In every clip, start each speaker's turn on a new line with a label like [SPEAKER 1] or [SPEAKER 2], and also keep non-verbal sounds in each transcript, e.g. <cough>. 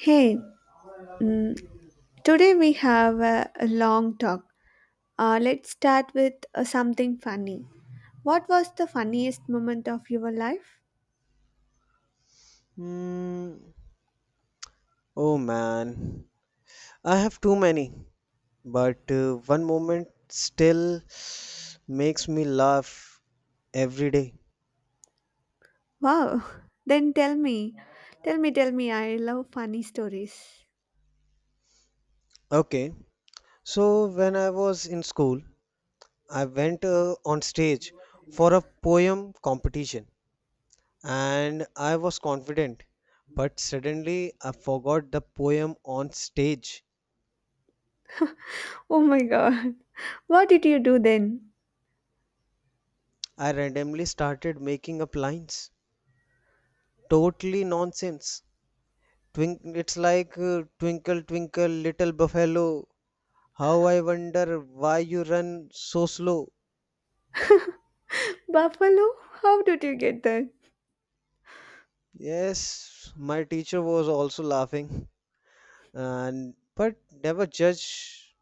[SPEAKER 1] Hey, mm, today we have a long talk. Let's start with something funny. What was the funniest moment of your life?
[SPEAKER 2] Mm, oh man, I have too many, but one moment still makes me laugh every day.
[SPEAKER 1] Wow, <laughs> then tell me. Tell me, tell me. I love funny stories. <laughs>
[SPEAKER 2] Okay, so when I was in school, I went on stage for a poem competition and I was confident, but suddenly I forgot the poem on stage.
[SPEAKER 1] Oh my god, <laughs> what did you do then?
[SPEAKER 2] I randomly started making up lines, totally nonsense. Twink, it's like Twinkle Twinkle Little Buffalo. How I wonder why you run so slow.
[SPEAKER 1] Buffalo? How did you get there?
[SPEAKER 2] Yes, my teacher was also laughing, and but never judge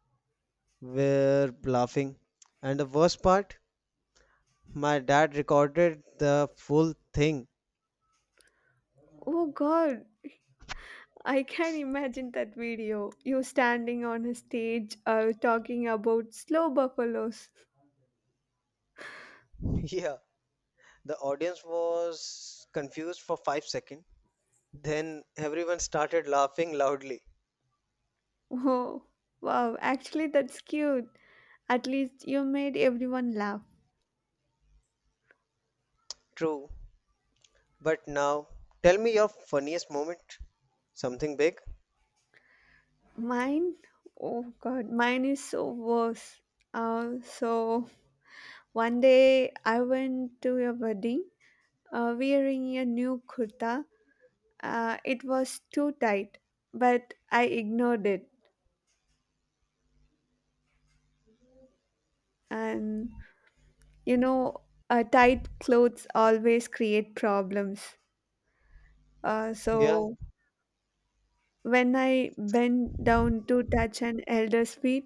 [SPEAKER 2] were laughing. And the worst part, my dad recorded the full thing.
[SPEAKER 1] Oh god, I can imagine that video. You standing on a stage talking about slow buffaloes.
[SPEAKER 2] <laughs> Yeah, the audience was confused for 5 seconds. Then everyone started laughing loudly.
[SPEAKER 1] Oh, wow, actually, that's cute. At least you made everyone laugh.
[SPEAKER 2] True, but now, tell me your funniest moment. Something big?
[SPEAKER 1] Mine? Oh god, mine is so worse. So, one day I went to a wedding wearing a new kurta. It was too tight, but I ignored it. And you know, tight clothes always create problems.
[SPEAKER 2] Yeah.
[SPEAKER 1] So, when I bent down to touch an elder's feet,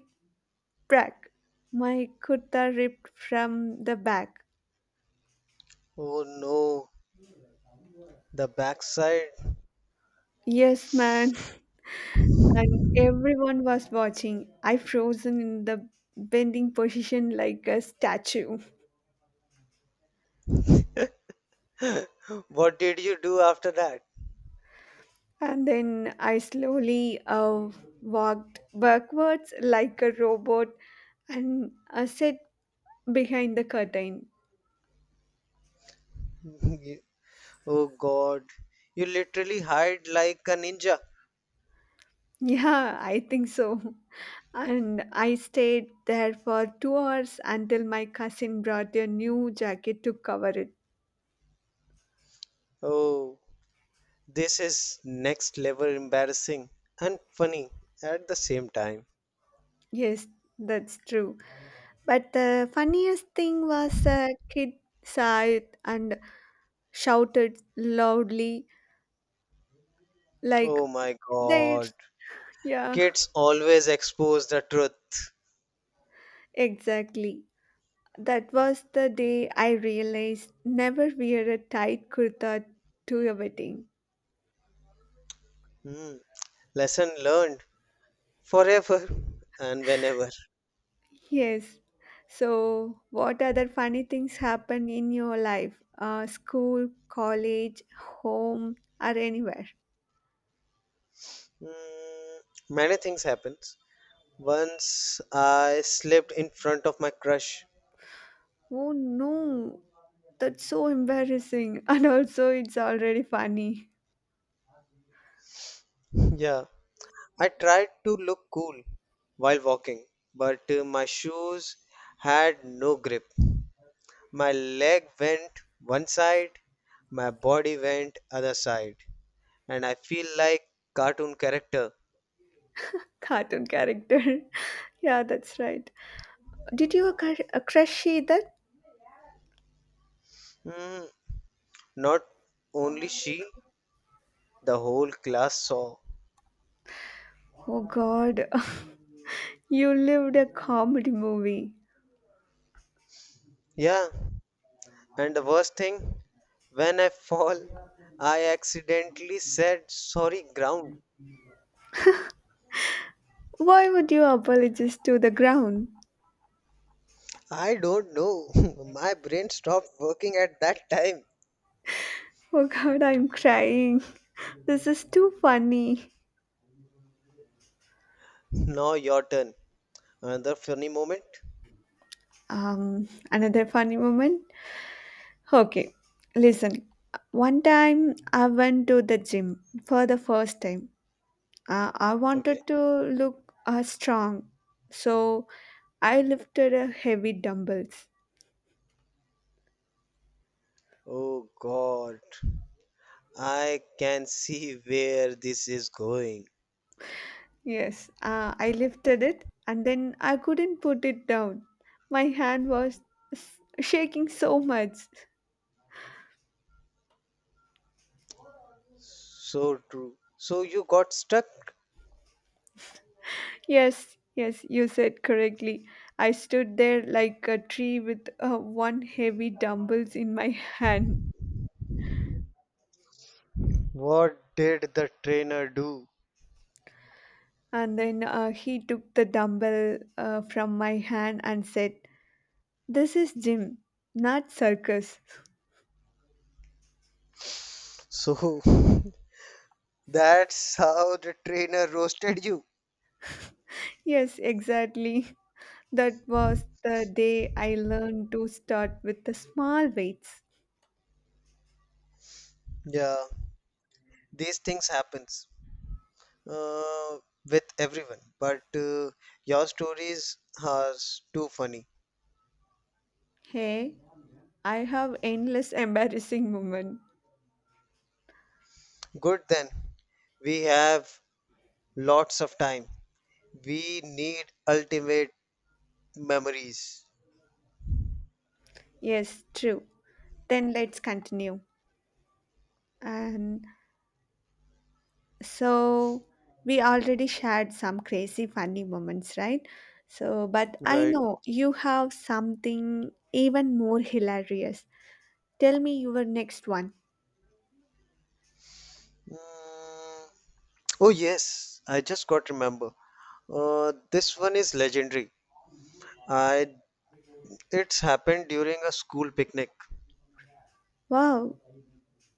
[SPEAKER 1] Prac. My kurta ripped from the back.
[SPEAKER 2] Oh no, the backside.
[SPEAKER 1] Yes, man. <laughs> And everyone was watching. I frozen in the bending position like a statue.
[SPEAKER 2] <laughs> What did you do after that?
[SPEAKER 1] And then I slowly walked backwards like a robot and sat behind the curtain.
[SPEAKER 2] <laughs> You- Oh God, you literally hide like a ninja.
[SPEAKER 1] Yeah, I think so. <laughs> And I stayed there for 2 hours until my cousin brought a new jacket to cover it.
[SPEAKER 2] Oh, this is next level embarrassing and funny at the same time.
[SPEAKER 1] Yes, that's true. But the funniest thing was a kid saw it and shouted loudly, like,
[SPEAKER 2] Oh my God,
[SPEAKER 1] there's. Yeah,
[SPEAKER 2] kids always expose the truth.
[SPEAKER 1] exactly. That was the day I realized never wear a tight kurta to a wedding.
[SPEAKER 2] Hmm. Lesson learned forever <laughs> and whenever.
[SPEAKER 1] Yes. So, what other funny things happen in your life? School, college, home, or anywhere?
[SPEAKER 2] Mm, many things happens. Once I slipped in front of my crush.
[SPEAKER 1] Oh no, that's so embarrassing. <laughs> And also, it's already funny.
[SPEAKER 2] <laughs> Yeah. I tried to look cool while walking, but my shoes had no grip. My leg went one side, my body went other side, and I feel like cartoon character.
[SPEAKER 1] Cartoon character. <laughs> Yeah, that's right. Did you crush that?
[SPEAKER 2] Mm, not only she, the whole class saw.
[SPEAKER 1] Oh god, <laughs> you lived a comedy movie.
[SPEAKER 2] Yeah. And the worst thing, when I fall, I accidentally said sorry ground.
[SPEAKER 1] Why would you apologize to the ground?
[SPEAKER 2] I don't know. <laughs> My brain stopped working at that time.
[SPEAKER 1] Oh god, I'm crying. <laughs> This is too funny.
[SPEAKER 2] Now your turn. Another funny moment.
[SPEAKER 1] Another funny moment. Okay, listen. One time I went to the gym for the first time. I
[SPEAKER 2] Okay.
[SPEAKER 1] wanted to look strong, so I lifted a heavy dumbbells.
[SPEAKER 2] Oh god. I can see where this is going.
[SPEAKER 1] Yes, I lifted it and then I couldn't put it down. My hand was shaking so much.
[SPEAKER 2] So true. So you got stuck?
[SPEAKER 1] Yes, yes, you said correctly. I stood there like a tree with one heavy dumbbells in my <laughs> hand.
[SPEAKER 2] What did the trainer do?
[SPEAKER 1] And then he took the dumbbell from my hand and said, "This is gym, not circus."
[SPEAKER 2] So <laughs> that's how the trainer roasted you.
[SPEAKER 1] Yes, exactly. <laughs> That was the day I learned to start with the small weights.
[SPEAKER 2] Yeah, these things happens uh, with everyone but your stories are too funny.
[SPEAKER 1] Hey, I have endless <laughs> embarrassing moment.
[SPEAKER 2] Good then we have lots of time we need ultimate memories,
[SPEAKER 1] Yes, true. Then let's continue. And so we already shared some crazy funny moments, right? So, but I
[SPEAKER 2] right?
[SPEAKER 1] know you have something even more hilarious. Tell me your next one.
[SPEAKER 2] Mm, oh yes, I just got remember this one is legendary. I It's happened during a school picnic.
[SPEAKER 1] Wow,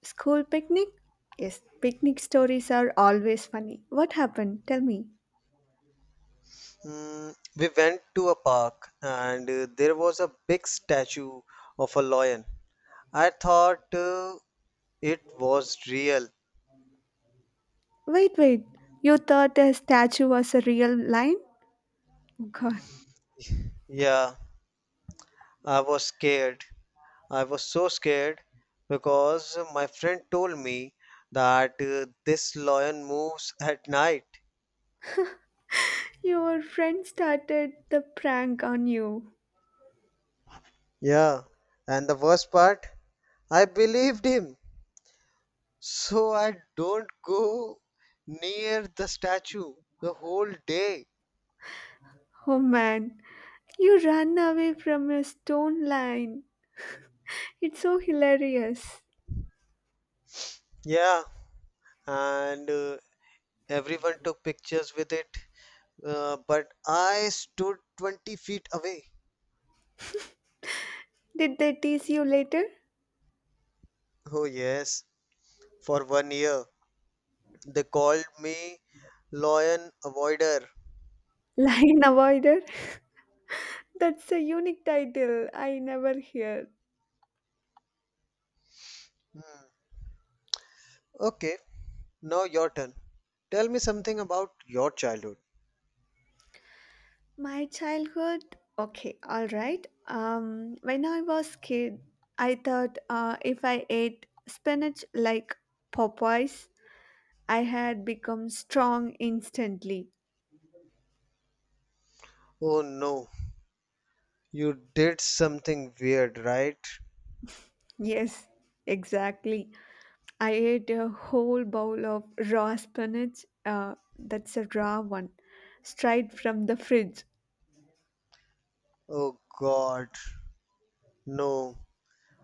[SPEAKER 1] school picnic? Yes, picnic stories are always funny. What happened? Tell me.
[SPEAKER 2] We went to a park and there was a big statue of a lion. I thought it was real.
[SPEAKER 1] Wait, wait. You thought a statue was a real lion? Oh god.
[SPEAKER 2] Yeah, I was scared. I was so scared because my friend told me that this lion moves at night.
[SPEAKER 1] Your friend started the prank on you.
[SPEAKER 2] Yeah, and the worst part, I believed him. So I don't go near the statue the whole day.
[SPEAKER 1] Oh man. You ran away from a stone lion. It's so hilarious.
[SPEAKER 2] Yeah, and everyone took pictures with it, but I stood 20 feet away.
[SPEAKER 1] Did they tease you later?
[SPEAKER 2] Oh, yes. For one year, they called me Lion Avoider.
[SPEAKER 1] Lion avoider? <laughs> That's a unique title I never hear.
[SPEAKER 2] Okay, now your turn. Tell me something about your childhood.
[SPEAKER 1] My childhood, okay, all right. When I was kid, I thought if I ate spinach like Popeyes, I had become strong instantly.
[SPEAKER 2] Oh no, you did something weird, right?
[SPEAKER 1] Yes, exactly. I ate a whole bowl of raw spinach. That's a raw one, straight from the fridge.
[SPEAKER 2] Oh god, no.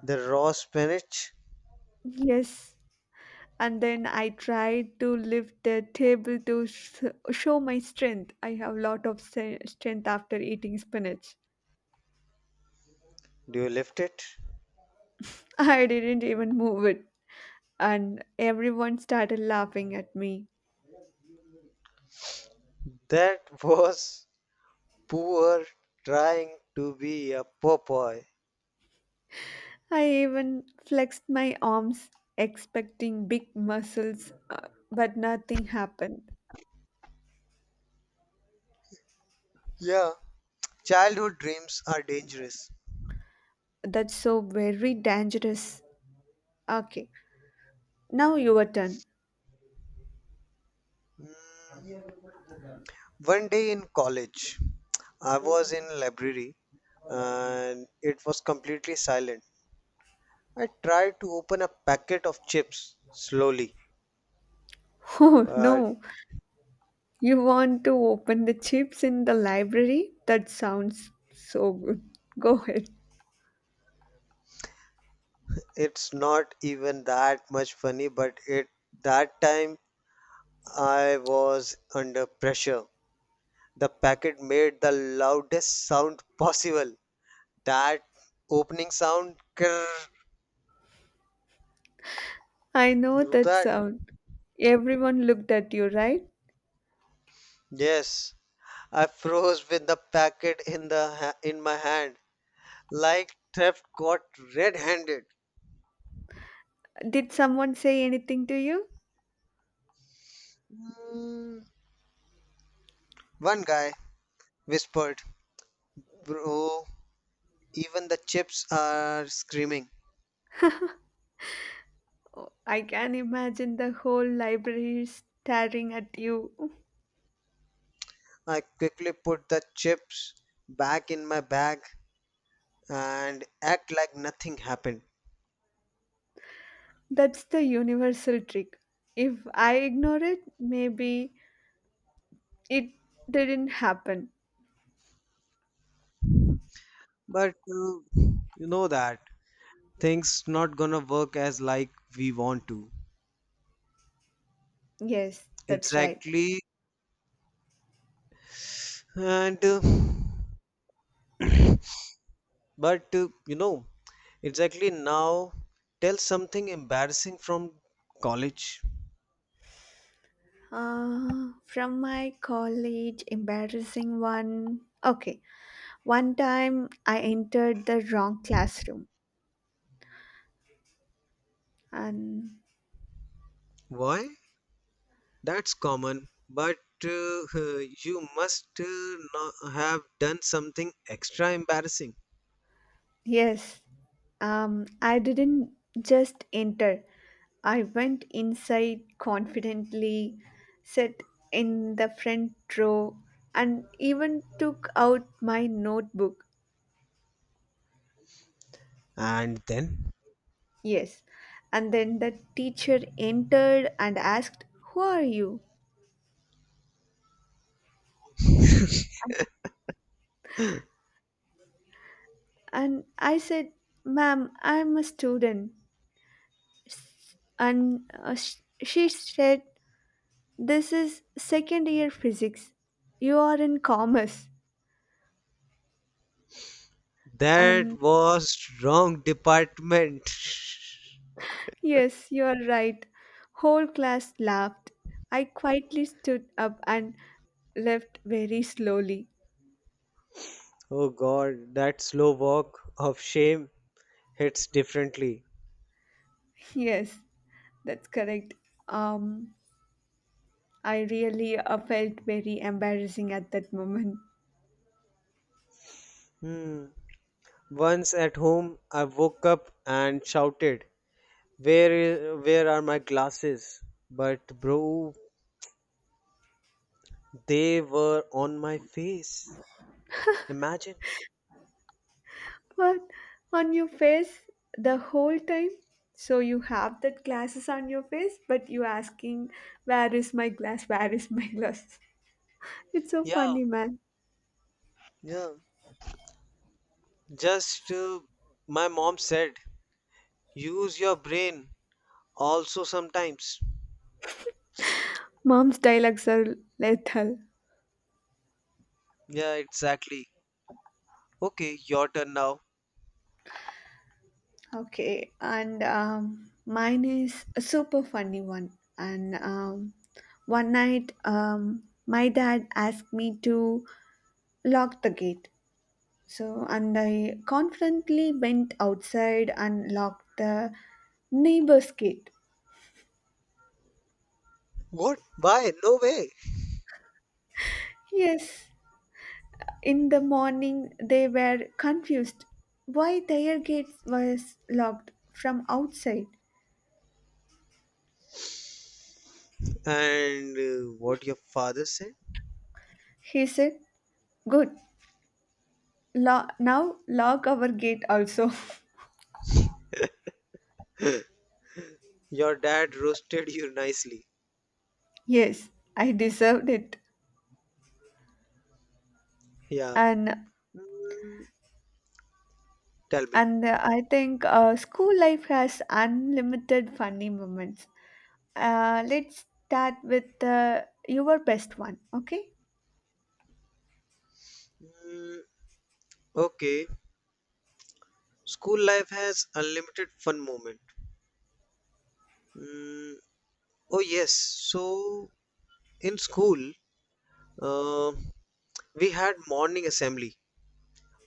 [SPEAKER 2] The raw spinach,
[SPEAKER 1] Yes, and then I tried to lift the table to s show my strength. I have lot of strength after eating spinach.
[SPEAKER 2] do you lift it?
[SPEAKER 1] <laughs> I didn't even move it, and everyone started laughing at me.
[SPEAKER 2] That <laughs> was poor trying to be a Popeye.
[SPEAKER 1] I even flexed my arms expecting big muscles, but nothing happened.
[SPEAKER 2] Yeah, childhood dreams are dangerous.
[SPEAKER 1] That's so very dangerous. Okay, now your turn.
[SPEAKER 2] One day in college, I was in library and it was completely silent. I tried to open a packet of chips slowly,
[SPEAKER 1] <laughs> Oh
[SPEAKER 2] but
[SPEAKER 1] no, you want to open the chips in the library? That sounds so good. <laughs> Go ahead.
[SPEAKER 2] it's not even that much funny, but it that time I was under pressure. The packet made the loudest sound <laughs> possible. That opening sound, krrr,
[SPEAKER 1] I
[SPEAKER 2] you
[SPEAKER 1] know
[SPEAKER 2] know
[SPEAKER 1] that
[SPEAKER 2] that?
[SPEAKER 1] sound. Everyone looked at you, right?
[SPEAKER 2] Yes, I froze with the packet in in my hand, like theft got red-handed.
[SPEAKER 1] Did someone say anything to you?
[SPEAKER 2] Mm, One guy whispered, "Bro, even the chips are screaming."
[SPEAKER 1] <laughs> Oh, I can imagine the whole library staring at you. <laughs>
[SPEAKER 2] I quickly put the chips back in my bag and act like nothing happened.
[SPEAKER 1] That's the universal trick. If I ignore it, maybe it didn't happen.
[SPEAKER 2] But you know that things not gonna work as like we want to.
[SPEAKER 1] Yes, that's right.
[SPEAKER 2] Exactly. And but you know, exactly now tell something embarrassing from college.
[SPEAKER 1] From my college, embarrassing one. Okay, one time I entered the wrong classroom, and
[SPEAKER 2] Why? That's common, but uh, you must no- have done something extra embarrassing.
[SPEAKER 1] yes, I didn't just enter, I went inside confidently, sat in the front row, and even took out my notebook.
[SPEAKER 2] And then?
[SPEAKER 1] Yes, and then the teacher entered and asked, "Who are you?" And I said, "Ma'am, I'm a student." And she said, "This is second year physics. You are in commerce."
[SPEAKER 2] That
[SPEAKER 1] And
[SPEAKER 2] was wrong department. <laughs>
[SPEAKER 1] yes, you are right. Whole class laughed. I quietly stood up and left very slowly.
[SPEAKER 2] Oh god, that slow walk of shame hits differently.
[SPEAKER 1] Yes, that's correct. Um, I really felt very embarrassing at that moment.
[SPEAKER 2] Hmm. Once at home, I woke up and shouted, " where are my glasses?" But bro, they were on my face. Imagine.
[SPEAKER 1] What? On your face the whole time? So you have that glasses on your face, but you asking, where is my glass? Where is my glass? <laughs> It's so
[SPEAKER 2] Yeah.
[SPEAKER 1] funny, man.
[SPEAKER 2] Yeah. Just my mom said, use your brain also sometimes.
[SPEAKER 1] Mom's dialogues are lethal.
[SPEAKER 2] Yeah, exactly. Okay, your turn now.
[SPEAKER 1] Okay, and mine is a super funny one. And one night, my dad asked me to lock the gate. So, and I confidently went outside and locked the neighbor's gate.
[SPEAKER 2] What? Why? No way.
[SPEAKER 1] Yes, in the morning, they were confused why their gate was locked from outside.
[SPEAKER 2] And what your father said?
[SPEAKER 1] He said, "Good, now lock our gate also."
[SPEAKER 2] Your dad roasted you nicely.
[SPEAKER 1] <laughs> Yes, I deserved it.
[SPEAKER 2] Yeah.
[SPEAKER 1] And
[SPEAKER 2] Mm, tell me.
[SPEAKER 1] I think school life has unlimited funny moments. Let's start with your best one, okay?
[SPEAKER 2] Mm, okay. School life has unlimited fun moment. Mm, oh yes. So in school, uh, we had morning assembly.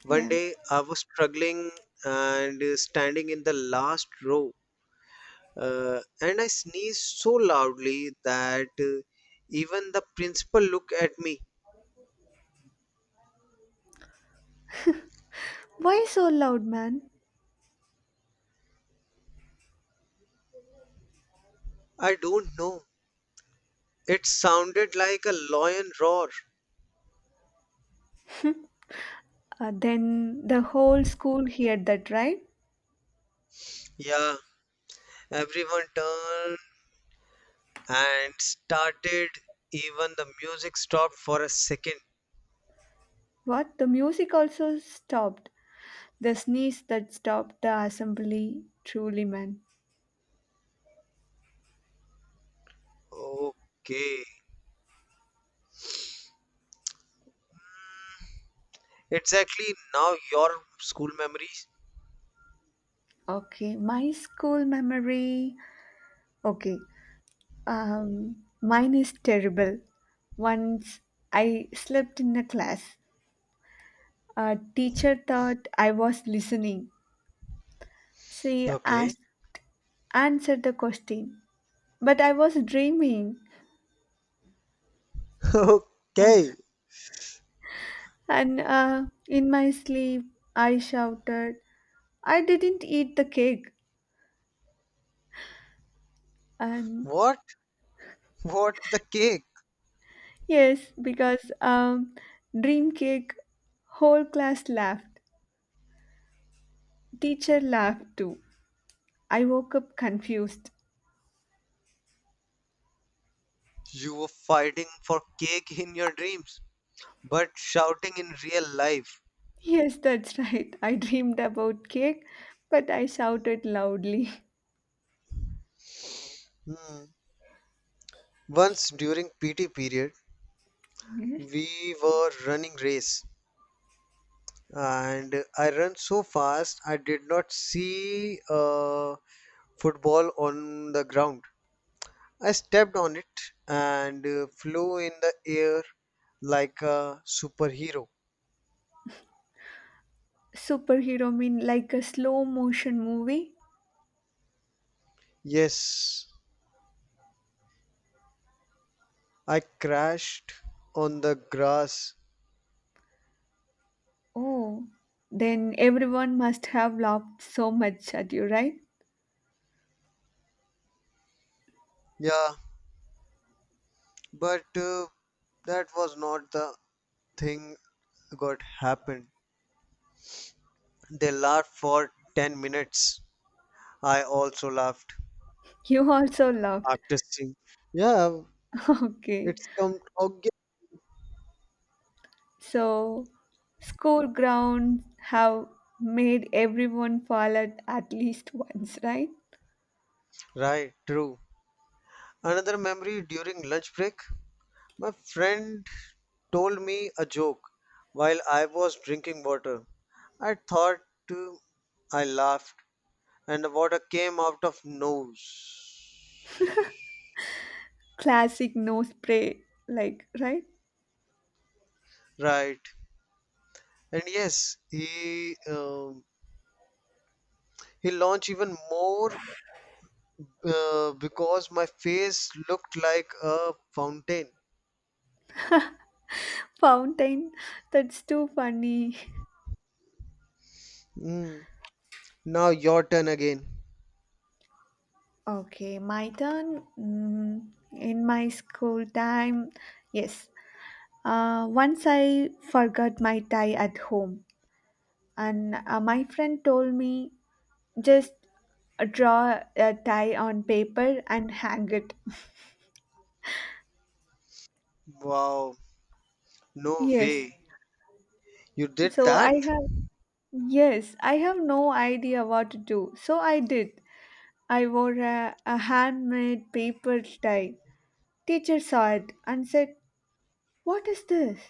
[SPEAKER 2] One
[SPEAKER 1] Yeah.
[SPEAKER 2] day I was struggling and standing in the last row, and I sneezed so loudly that even the principal looked at me.
[SPEAKER 1] Why so loud, man?
[SPEAKER 2] I don't know. It sounded like a lion roar.
[SPEAKER 1] Then the whole school heard that, right?
[SPEAKER 2] Yeah, everyone turned and started. Even the music stopped for a second.
[SPEAKER 1] What? The music also stopped. The sneeze that stopped the assembly. Truly, man.
[SPEAKER 2] Okay, exactly now your school memories.
[SPEAKER 1] Okay, my school memory. Okay, mine is terrible. Once I slept in a class. A teacher thought I was listening. She
[SPEAKER 2] Okay.
[SPEAKER 1] asked, answered the question, but I was dreaming.
[SPEAKER 2] <laughs> Okay.
[SPEAKER 1] And in my sleep, I shouted, "I didn't eat the cake." And
[SPEAKER 2] What? What the cake?
[SPEAKER 1] yes, because dream cake, whole class laughed. Teacher laughed too. I woke up confused.
[SPEAKER 2] You were fighting for cake in your dreams, but shouting in real life.
[SPEAKER 1] Yes, that's right. I dreamed about cake, but I shouted loudly.
[SPEAKER 2] Hmm. Once during PT period,
[SPEAKER 1] <laughs>
[SPEAKER 2] we were running race, and I ran so fast I did not see a football on the ground. I stepped on it and flew in the air like a superhero.
[SPEAKER 1] Superhero mean like a slow motion movie?
[SPEAKER 2] Yes, I crashed on the grass.
[SPEAKER 1] Oh, then everyone must have laughed so much at you, right?
[SPEAKER 2] Yeah, but that was not the thing got happened. They laughed for 10 minutes. I also laughed
[SPEAKER 1] You also laughed.
[SPEAKER 2] after seeing. Yeah,
[SPEAKER 1] <laughs> Okay.
[SPEAKER 2] it's come again.
[SPEAKER 1] So, school grounds have made everyone fall at least once, right?
[SPEAKER 2] Right, true. Another memory during lunch break. My friend told me a joke while I was drinking water. I thought uh, I laughed and the water came out of nose.
[SPEAKER 1] Classic nose spray, like, right?
[SPEAKER 2] Right. And yes he launched even more because my face looked like a fountain.
[SPEAKER 1] Fountain, that's too funny. <laughs>
[SPEAKER 2] Mm, now your turn again.
[SPEAKER 1] Okay, my turn. In my school time, yes. Once I forgot my tie at home, and my friend told me just draw a tie on paper and hang it. <laughs>
[SPEAKER 2] Wow, no
[SPEAKER 1] Yes.
[SPEAKER 2] way, you did
[SPEAKER 1] So
[SPEAKER 2] that.
[SPEAKER 1] I have, yes, I have no idea what to do. So I did. I wore a handmade paper tie. Teacher saw it and said, "What is this?"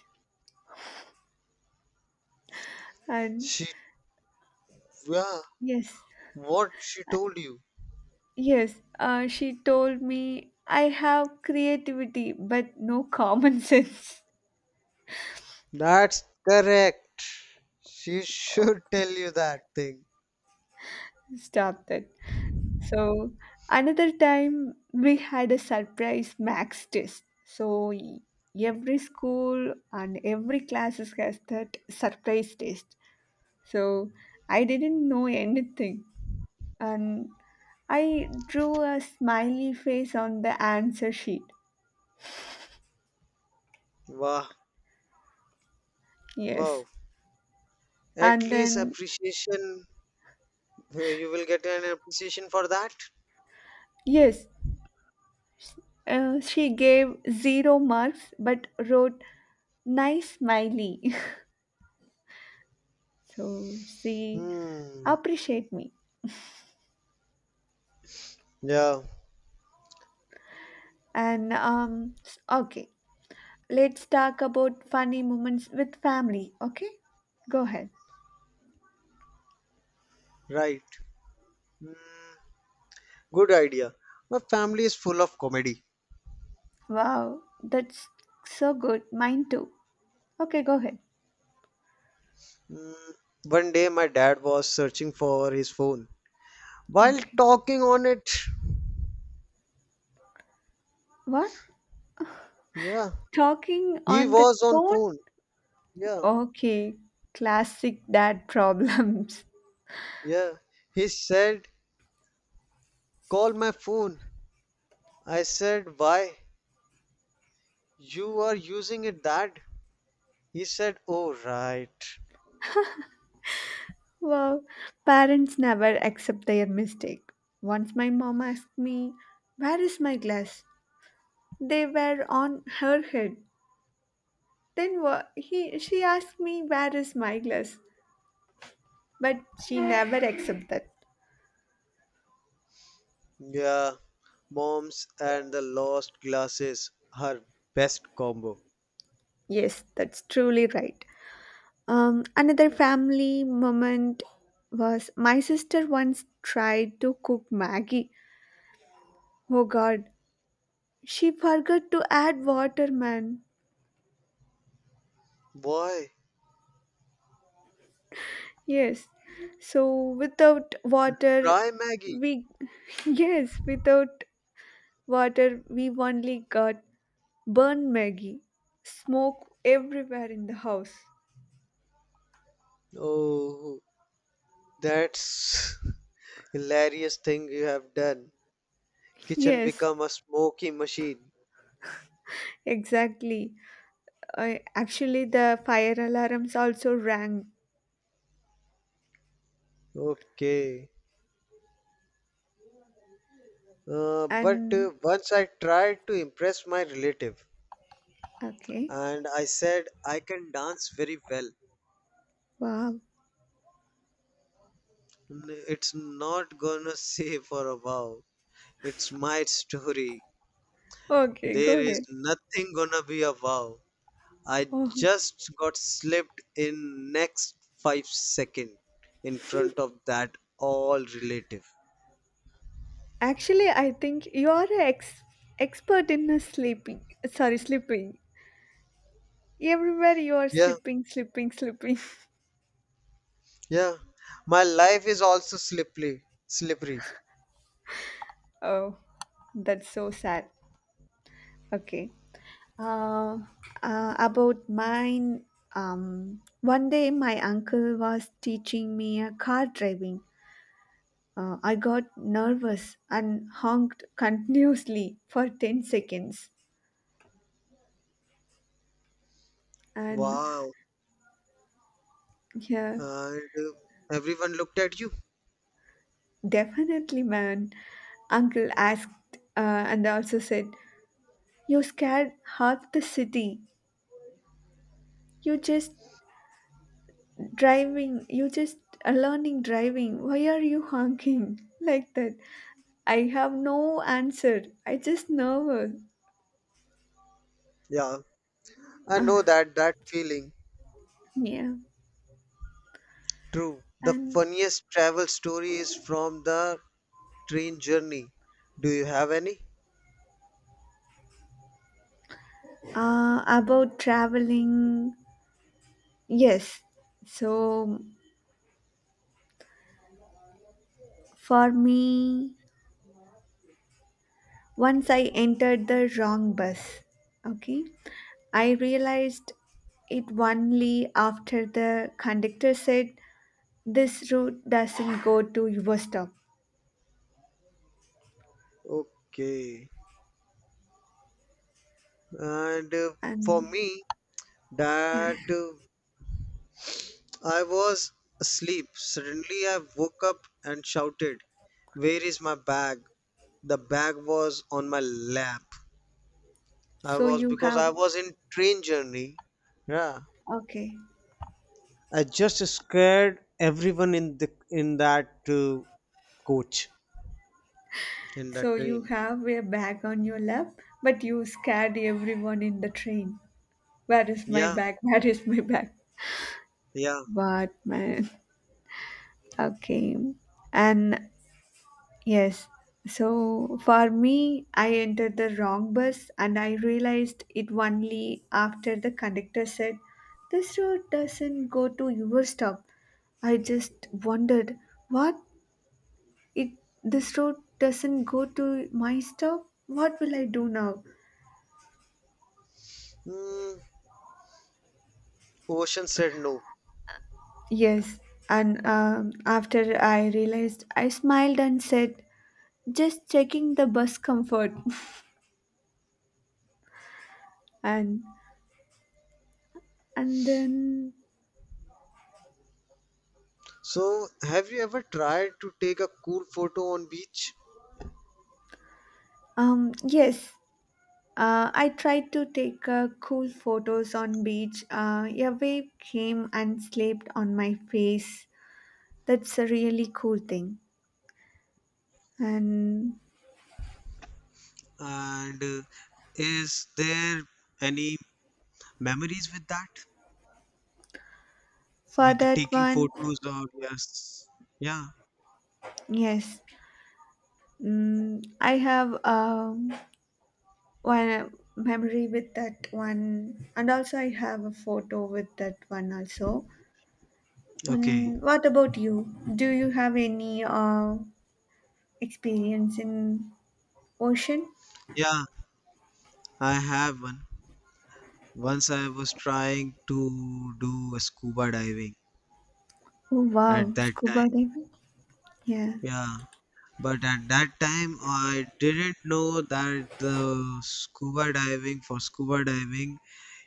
[SPEAKER 1] And
[SPEAKER 2] She Yeah,
[SPEAKER 1] yes.
[SPEAKER 2] what she told you?
[SPEAKER 1] Yes, she told me I have creativity but no common <laughs> sense.
[SPEAKER 2] That's correct, she
[SPEAKER 1] Oh,
[SPEAKER 2] should <laughs> tell you that thing.
[SPEAKER 1] stop that. So, another time we had a surprise max test. So, every school and every classes has that surprise test. So, I didn't know anything and I drew a smiley face on the answer sheet.
[SPEAKER 2] Wow.
[SPEAKER 1] Yes.
[SPEAKER 2] Wow, at
[SPEAKER 1] And
[SPEAKER 2] least
[SPEAKER 1] then,
[SPEAKER 2] appreciation. You will get an appreciation for that.
[SPEAKER 1] yes, she gave zero marks but wrote nice smiley. <laughs> So she
[SPEAKER 2] Hmm.
[SPEAKER 1] appreciate me.
[SPEAKER 2] Yeah,
[SPEAKER 1] And okay, let's talk about funny moments with family, okay? Go ahead.
[SPEAKER 2] right. Mm, good idea. My family is full of comedy.
[SPEAKER 1] Wow, that's so good. Mine too. Okay, go ahead.
[SPEAKER 2] Mm, one day my dad was searching for his phone while
[SPEAKER 1] Okay.
[SPEAKER 2] talking on it.
[SPEAKER 1] What?
[SPEAKER 2] Yeah,
[SPEAKER 1] Talking
[SPEAKER 2] he
[SPEAKER 1] on the
[SPEAKER 2] was on
[SPEAKER 1] phone?
[SPEAKER 2] phone. Yeah,
[SPEAKER 1] Okay, classic dad <laughs> problems.
[SPEAKER 2] yeah. He said, "Call my phone." I said, "Why? You are using it, Dad?" He said, "Oh, right."
[SPEAKER 1] Wow, parents never accept their mistake. Once my mom asked me, "Where is my glass?" They were on her head. Then she asked me, "Where is my glass?" But she never accept that.
[SPEAKER 2] Yeah, moms and the lost glasses are best combo.
[SPEAKER 1] Yes, that's truly right. Another family moment was my sister once tried to cook Maggie. Oh god, she forgot to add water, man.
[SPEAKER 2] Why?
[SPEAKER 1] Yes. So without water,
[SPEAKER 2] Try Maggie.
[SPEAKER 1] we <laughs> yes, without water, we only got burn Maggie, smoke everywhere in the house.
[SPEAKER 2] Oh. That's <laughs> hilarious thing you have done. Kitchen
[SPEAKER 1] Yes,
[SPEAKER 2] become a smoky machine.
[SPEAKER 1] exactly. Actually, the fire alarms also rang.
[SPEAKER 2] Okay. But
[SPEAKER 1] And
[SPEAKER 2] once I tried to impress my relative
[SPEAKER 1] okay,
[SPEAKER 2] and I said I can dance very well.
[SPEAKER 1] wow.
[SPEAKER 2] It's not gonna <laughs> say for a wow. It's my story.
[SPEAKER 1] Okay, go
[SPEAKER 2] There is
[SPEAKER 1] ahead.
[SPEAKER 2] nothing gonna be a wow. I
[SPEAKER 1] Oh,
[SPEAKER 2] just got slipped in next 5 second in front of that all relative.
[SPEAKER 1] actually, I think you are an expert in sleeping. Sorry, sleeping. Everywhere you are
[SPEAKER 2] Yeah.
[SPEAKER 1] sleeping, sleeping, sleeping. <laughs>
[SPEAKER 2] Yeah, my life is also slippery, slippery.
[SPEAKER 1] Oh, that's so sad. Okay. Uh, about mine, one day my uncle was teaching me a car driving. I got nervous and honked continuously for 10 seconds. And
[SPEAKER 2] Wow.
[SPEAKER 1] yeah,
[SPEAKER 2] And everyone looked at you.
[SPEAKER 1] definitely, man. Uncle asked and also said, "You scared half the city. You just you just learning driving. Why are you honking <laughs> like that? I have no answer. I just nervous."
[SPEAKER 2] Yeah, I know
[SPEAKER 1] Ah,
[SPEAKER 2] that that feeling.
[SPEAKER 1] yeah
[SPEAKER 2] True. The
[SPEAKER 1] and
[SPEAKER 2] funniest travel story is from the train journey. Do you have any?
[SPEAKER 1] about traveling, yes, so for me, once I entered the wrong bus. Okay, I realized it only after the conductor said, this route doesn't go to your stop,
[SPEAKER 2] Okay. And for
[SPEAKER 1] and
[SPEAKER 2] me, that I was asleep. Suddenly, I woke up and shouted, "Where is my bag?" The bag was on my lap. I
[SPEAKER 1] so
[SPEAKER 2] was
[SPEAKER 1] you
[SPEAKER 2] because I
[SPEAKER 1] have.
[SPEAKER 2] was in train journey. Yeah,
[SPEAKER 1] Okay.
[SPEAKER 2] I just scared everyone in the in that coach in that
[SPEAKER 1] So you
[SPEAKER 2] train.
[SPEAKER 1] have a bag on your lap, but you scared everyone in the train. Where is my
[SPEAKER 2] Yeah,
[SPEAKER 1] bag? <laughs> Where is my bag?
[SPEAKER 2] yeah.
[SPEAKER 1] What man? Okay. And yes. So for me, I entered the wrong bus and I realized it only after the conductor said, "This road doesn't go to your stop." I just wondered, what? It This road doesn't go to my stop? What will I do now?
[SPEAKER 2] Hmm. Ocean said no.
[SPEAKER 1] Yes, and after I realized, I smiled and said, "Just checking the bus comfort." <laughs> and and then,
[SPEAKER 2] So, have you ever tried to take a cool photo on beach?
[SPEAKER 1] yes, I tried to take cool photos on beach. A wave came and slapped on my face. That's a really cool thing. And
[SPEAKER 2] And is there any memories with that?
[SPEAKER 1] for
[SPEAKER 2] With
[SPEAKER 1] that
[SPEAKER 2] taking
[SPEAKER 1] one,
[SPEAKER 2] photos or yes, yeah.
[SPEAKER 1] yes, I have. One memory with that one and also I have a photo with that one also.
[SPEAKER 2] Okay.
[SPEAKER 1] And what about you? Do you have any experience in ocean?
[SPEAKER 2] Yeah, I have one. Once I was trying to do scuba diving
[SPEAKER 1] Oh wow,
[SPEAKER 2] at that time.
[SPEAKER 1] scuba diving. Yeah.
[SPEAKER 2] Yeah, but at that time I didn't know that the scuba diving for scuba diving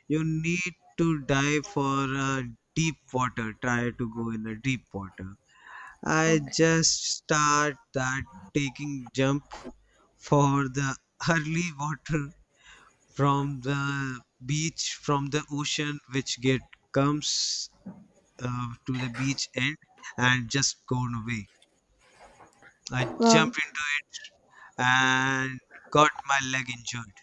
[SPEAKER 2] you need to dive for a deep water. Try to go in a deep water. I
[SPEAKER 1] Okay.
[SPEAKER 2] just start that taking jump for the <laughs> early water from the ocean which get comes to the beach end and just gone away. I jumped into
[SPEAKER 1] Wow.
[SPEAKER 2] it and got my leg injured.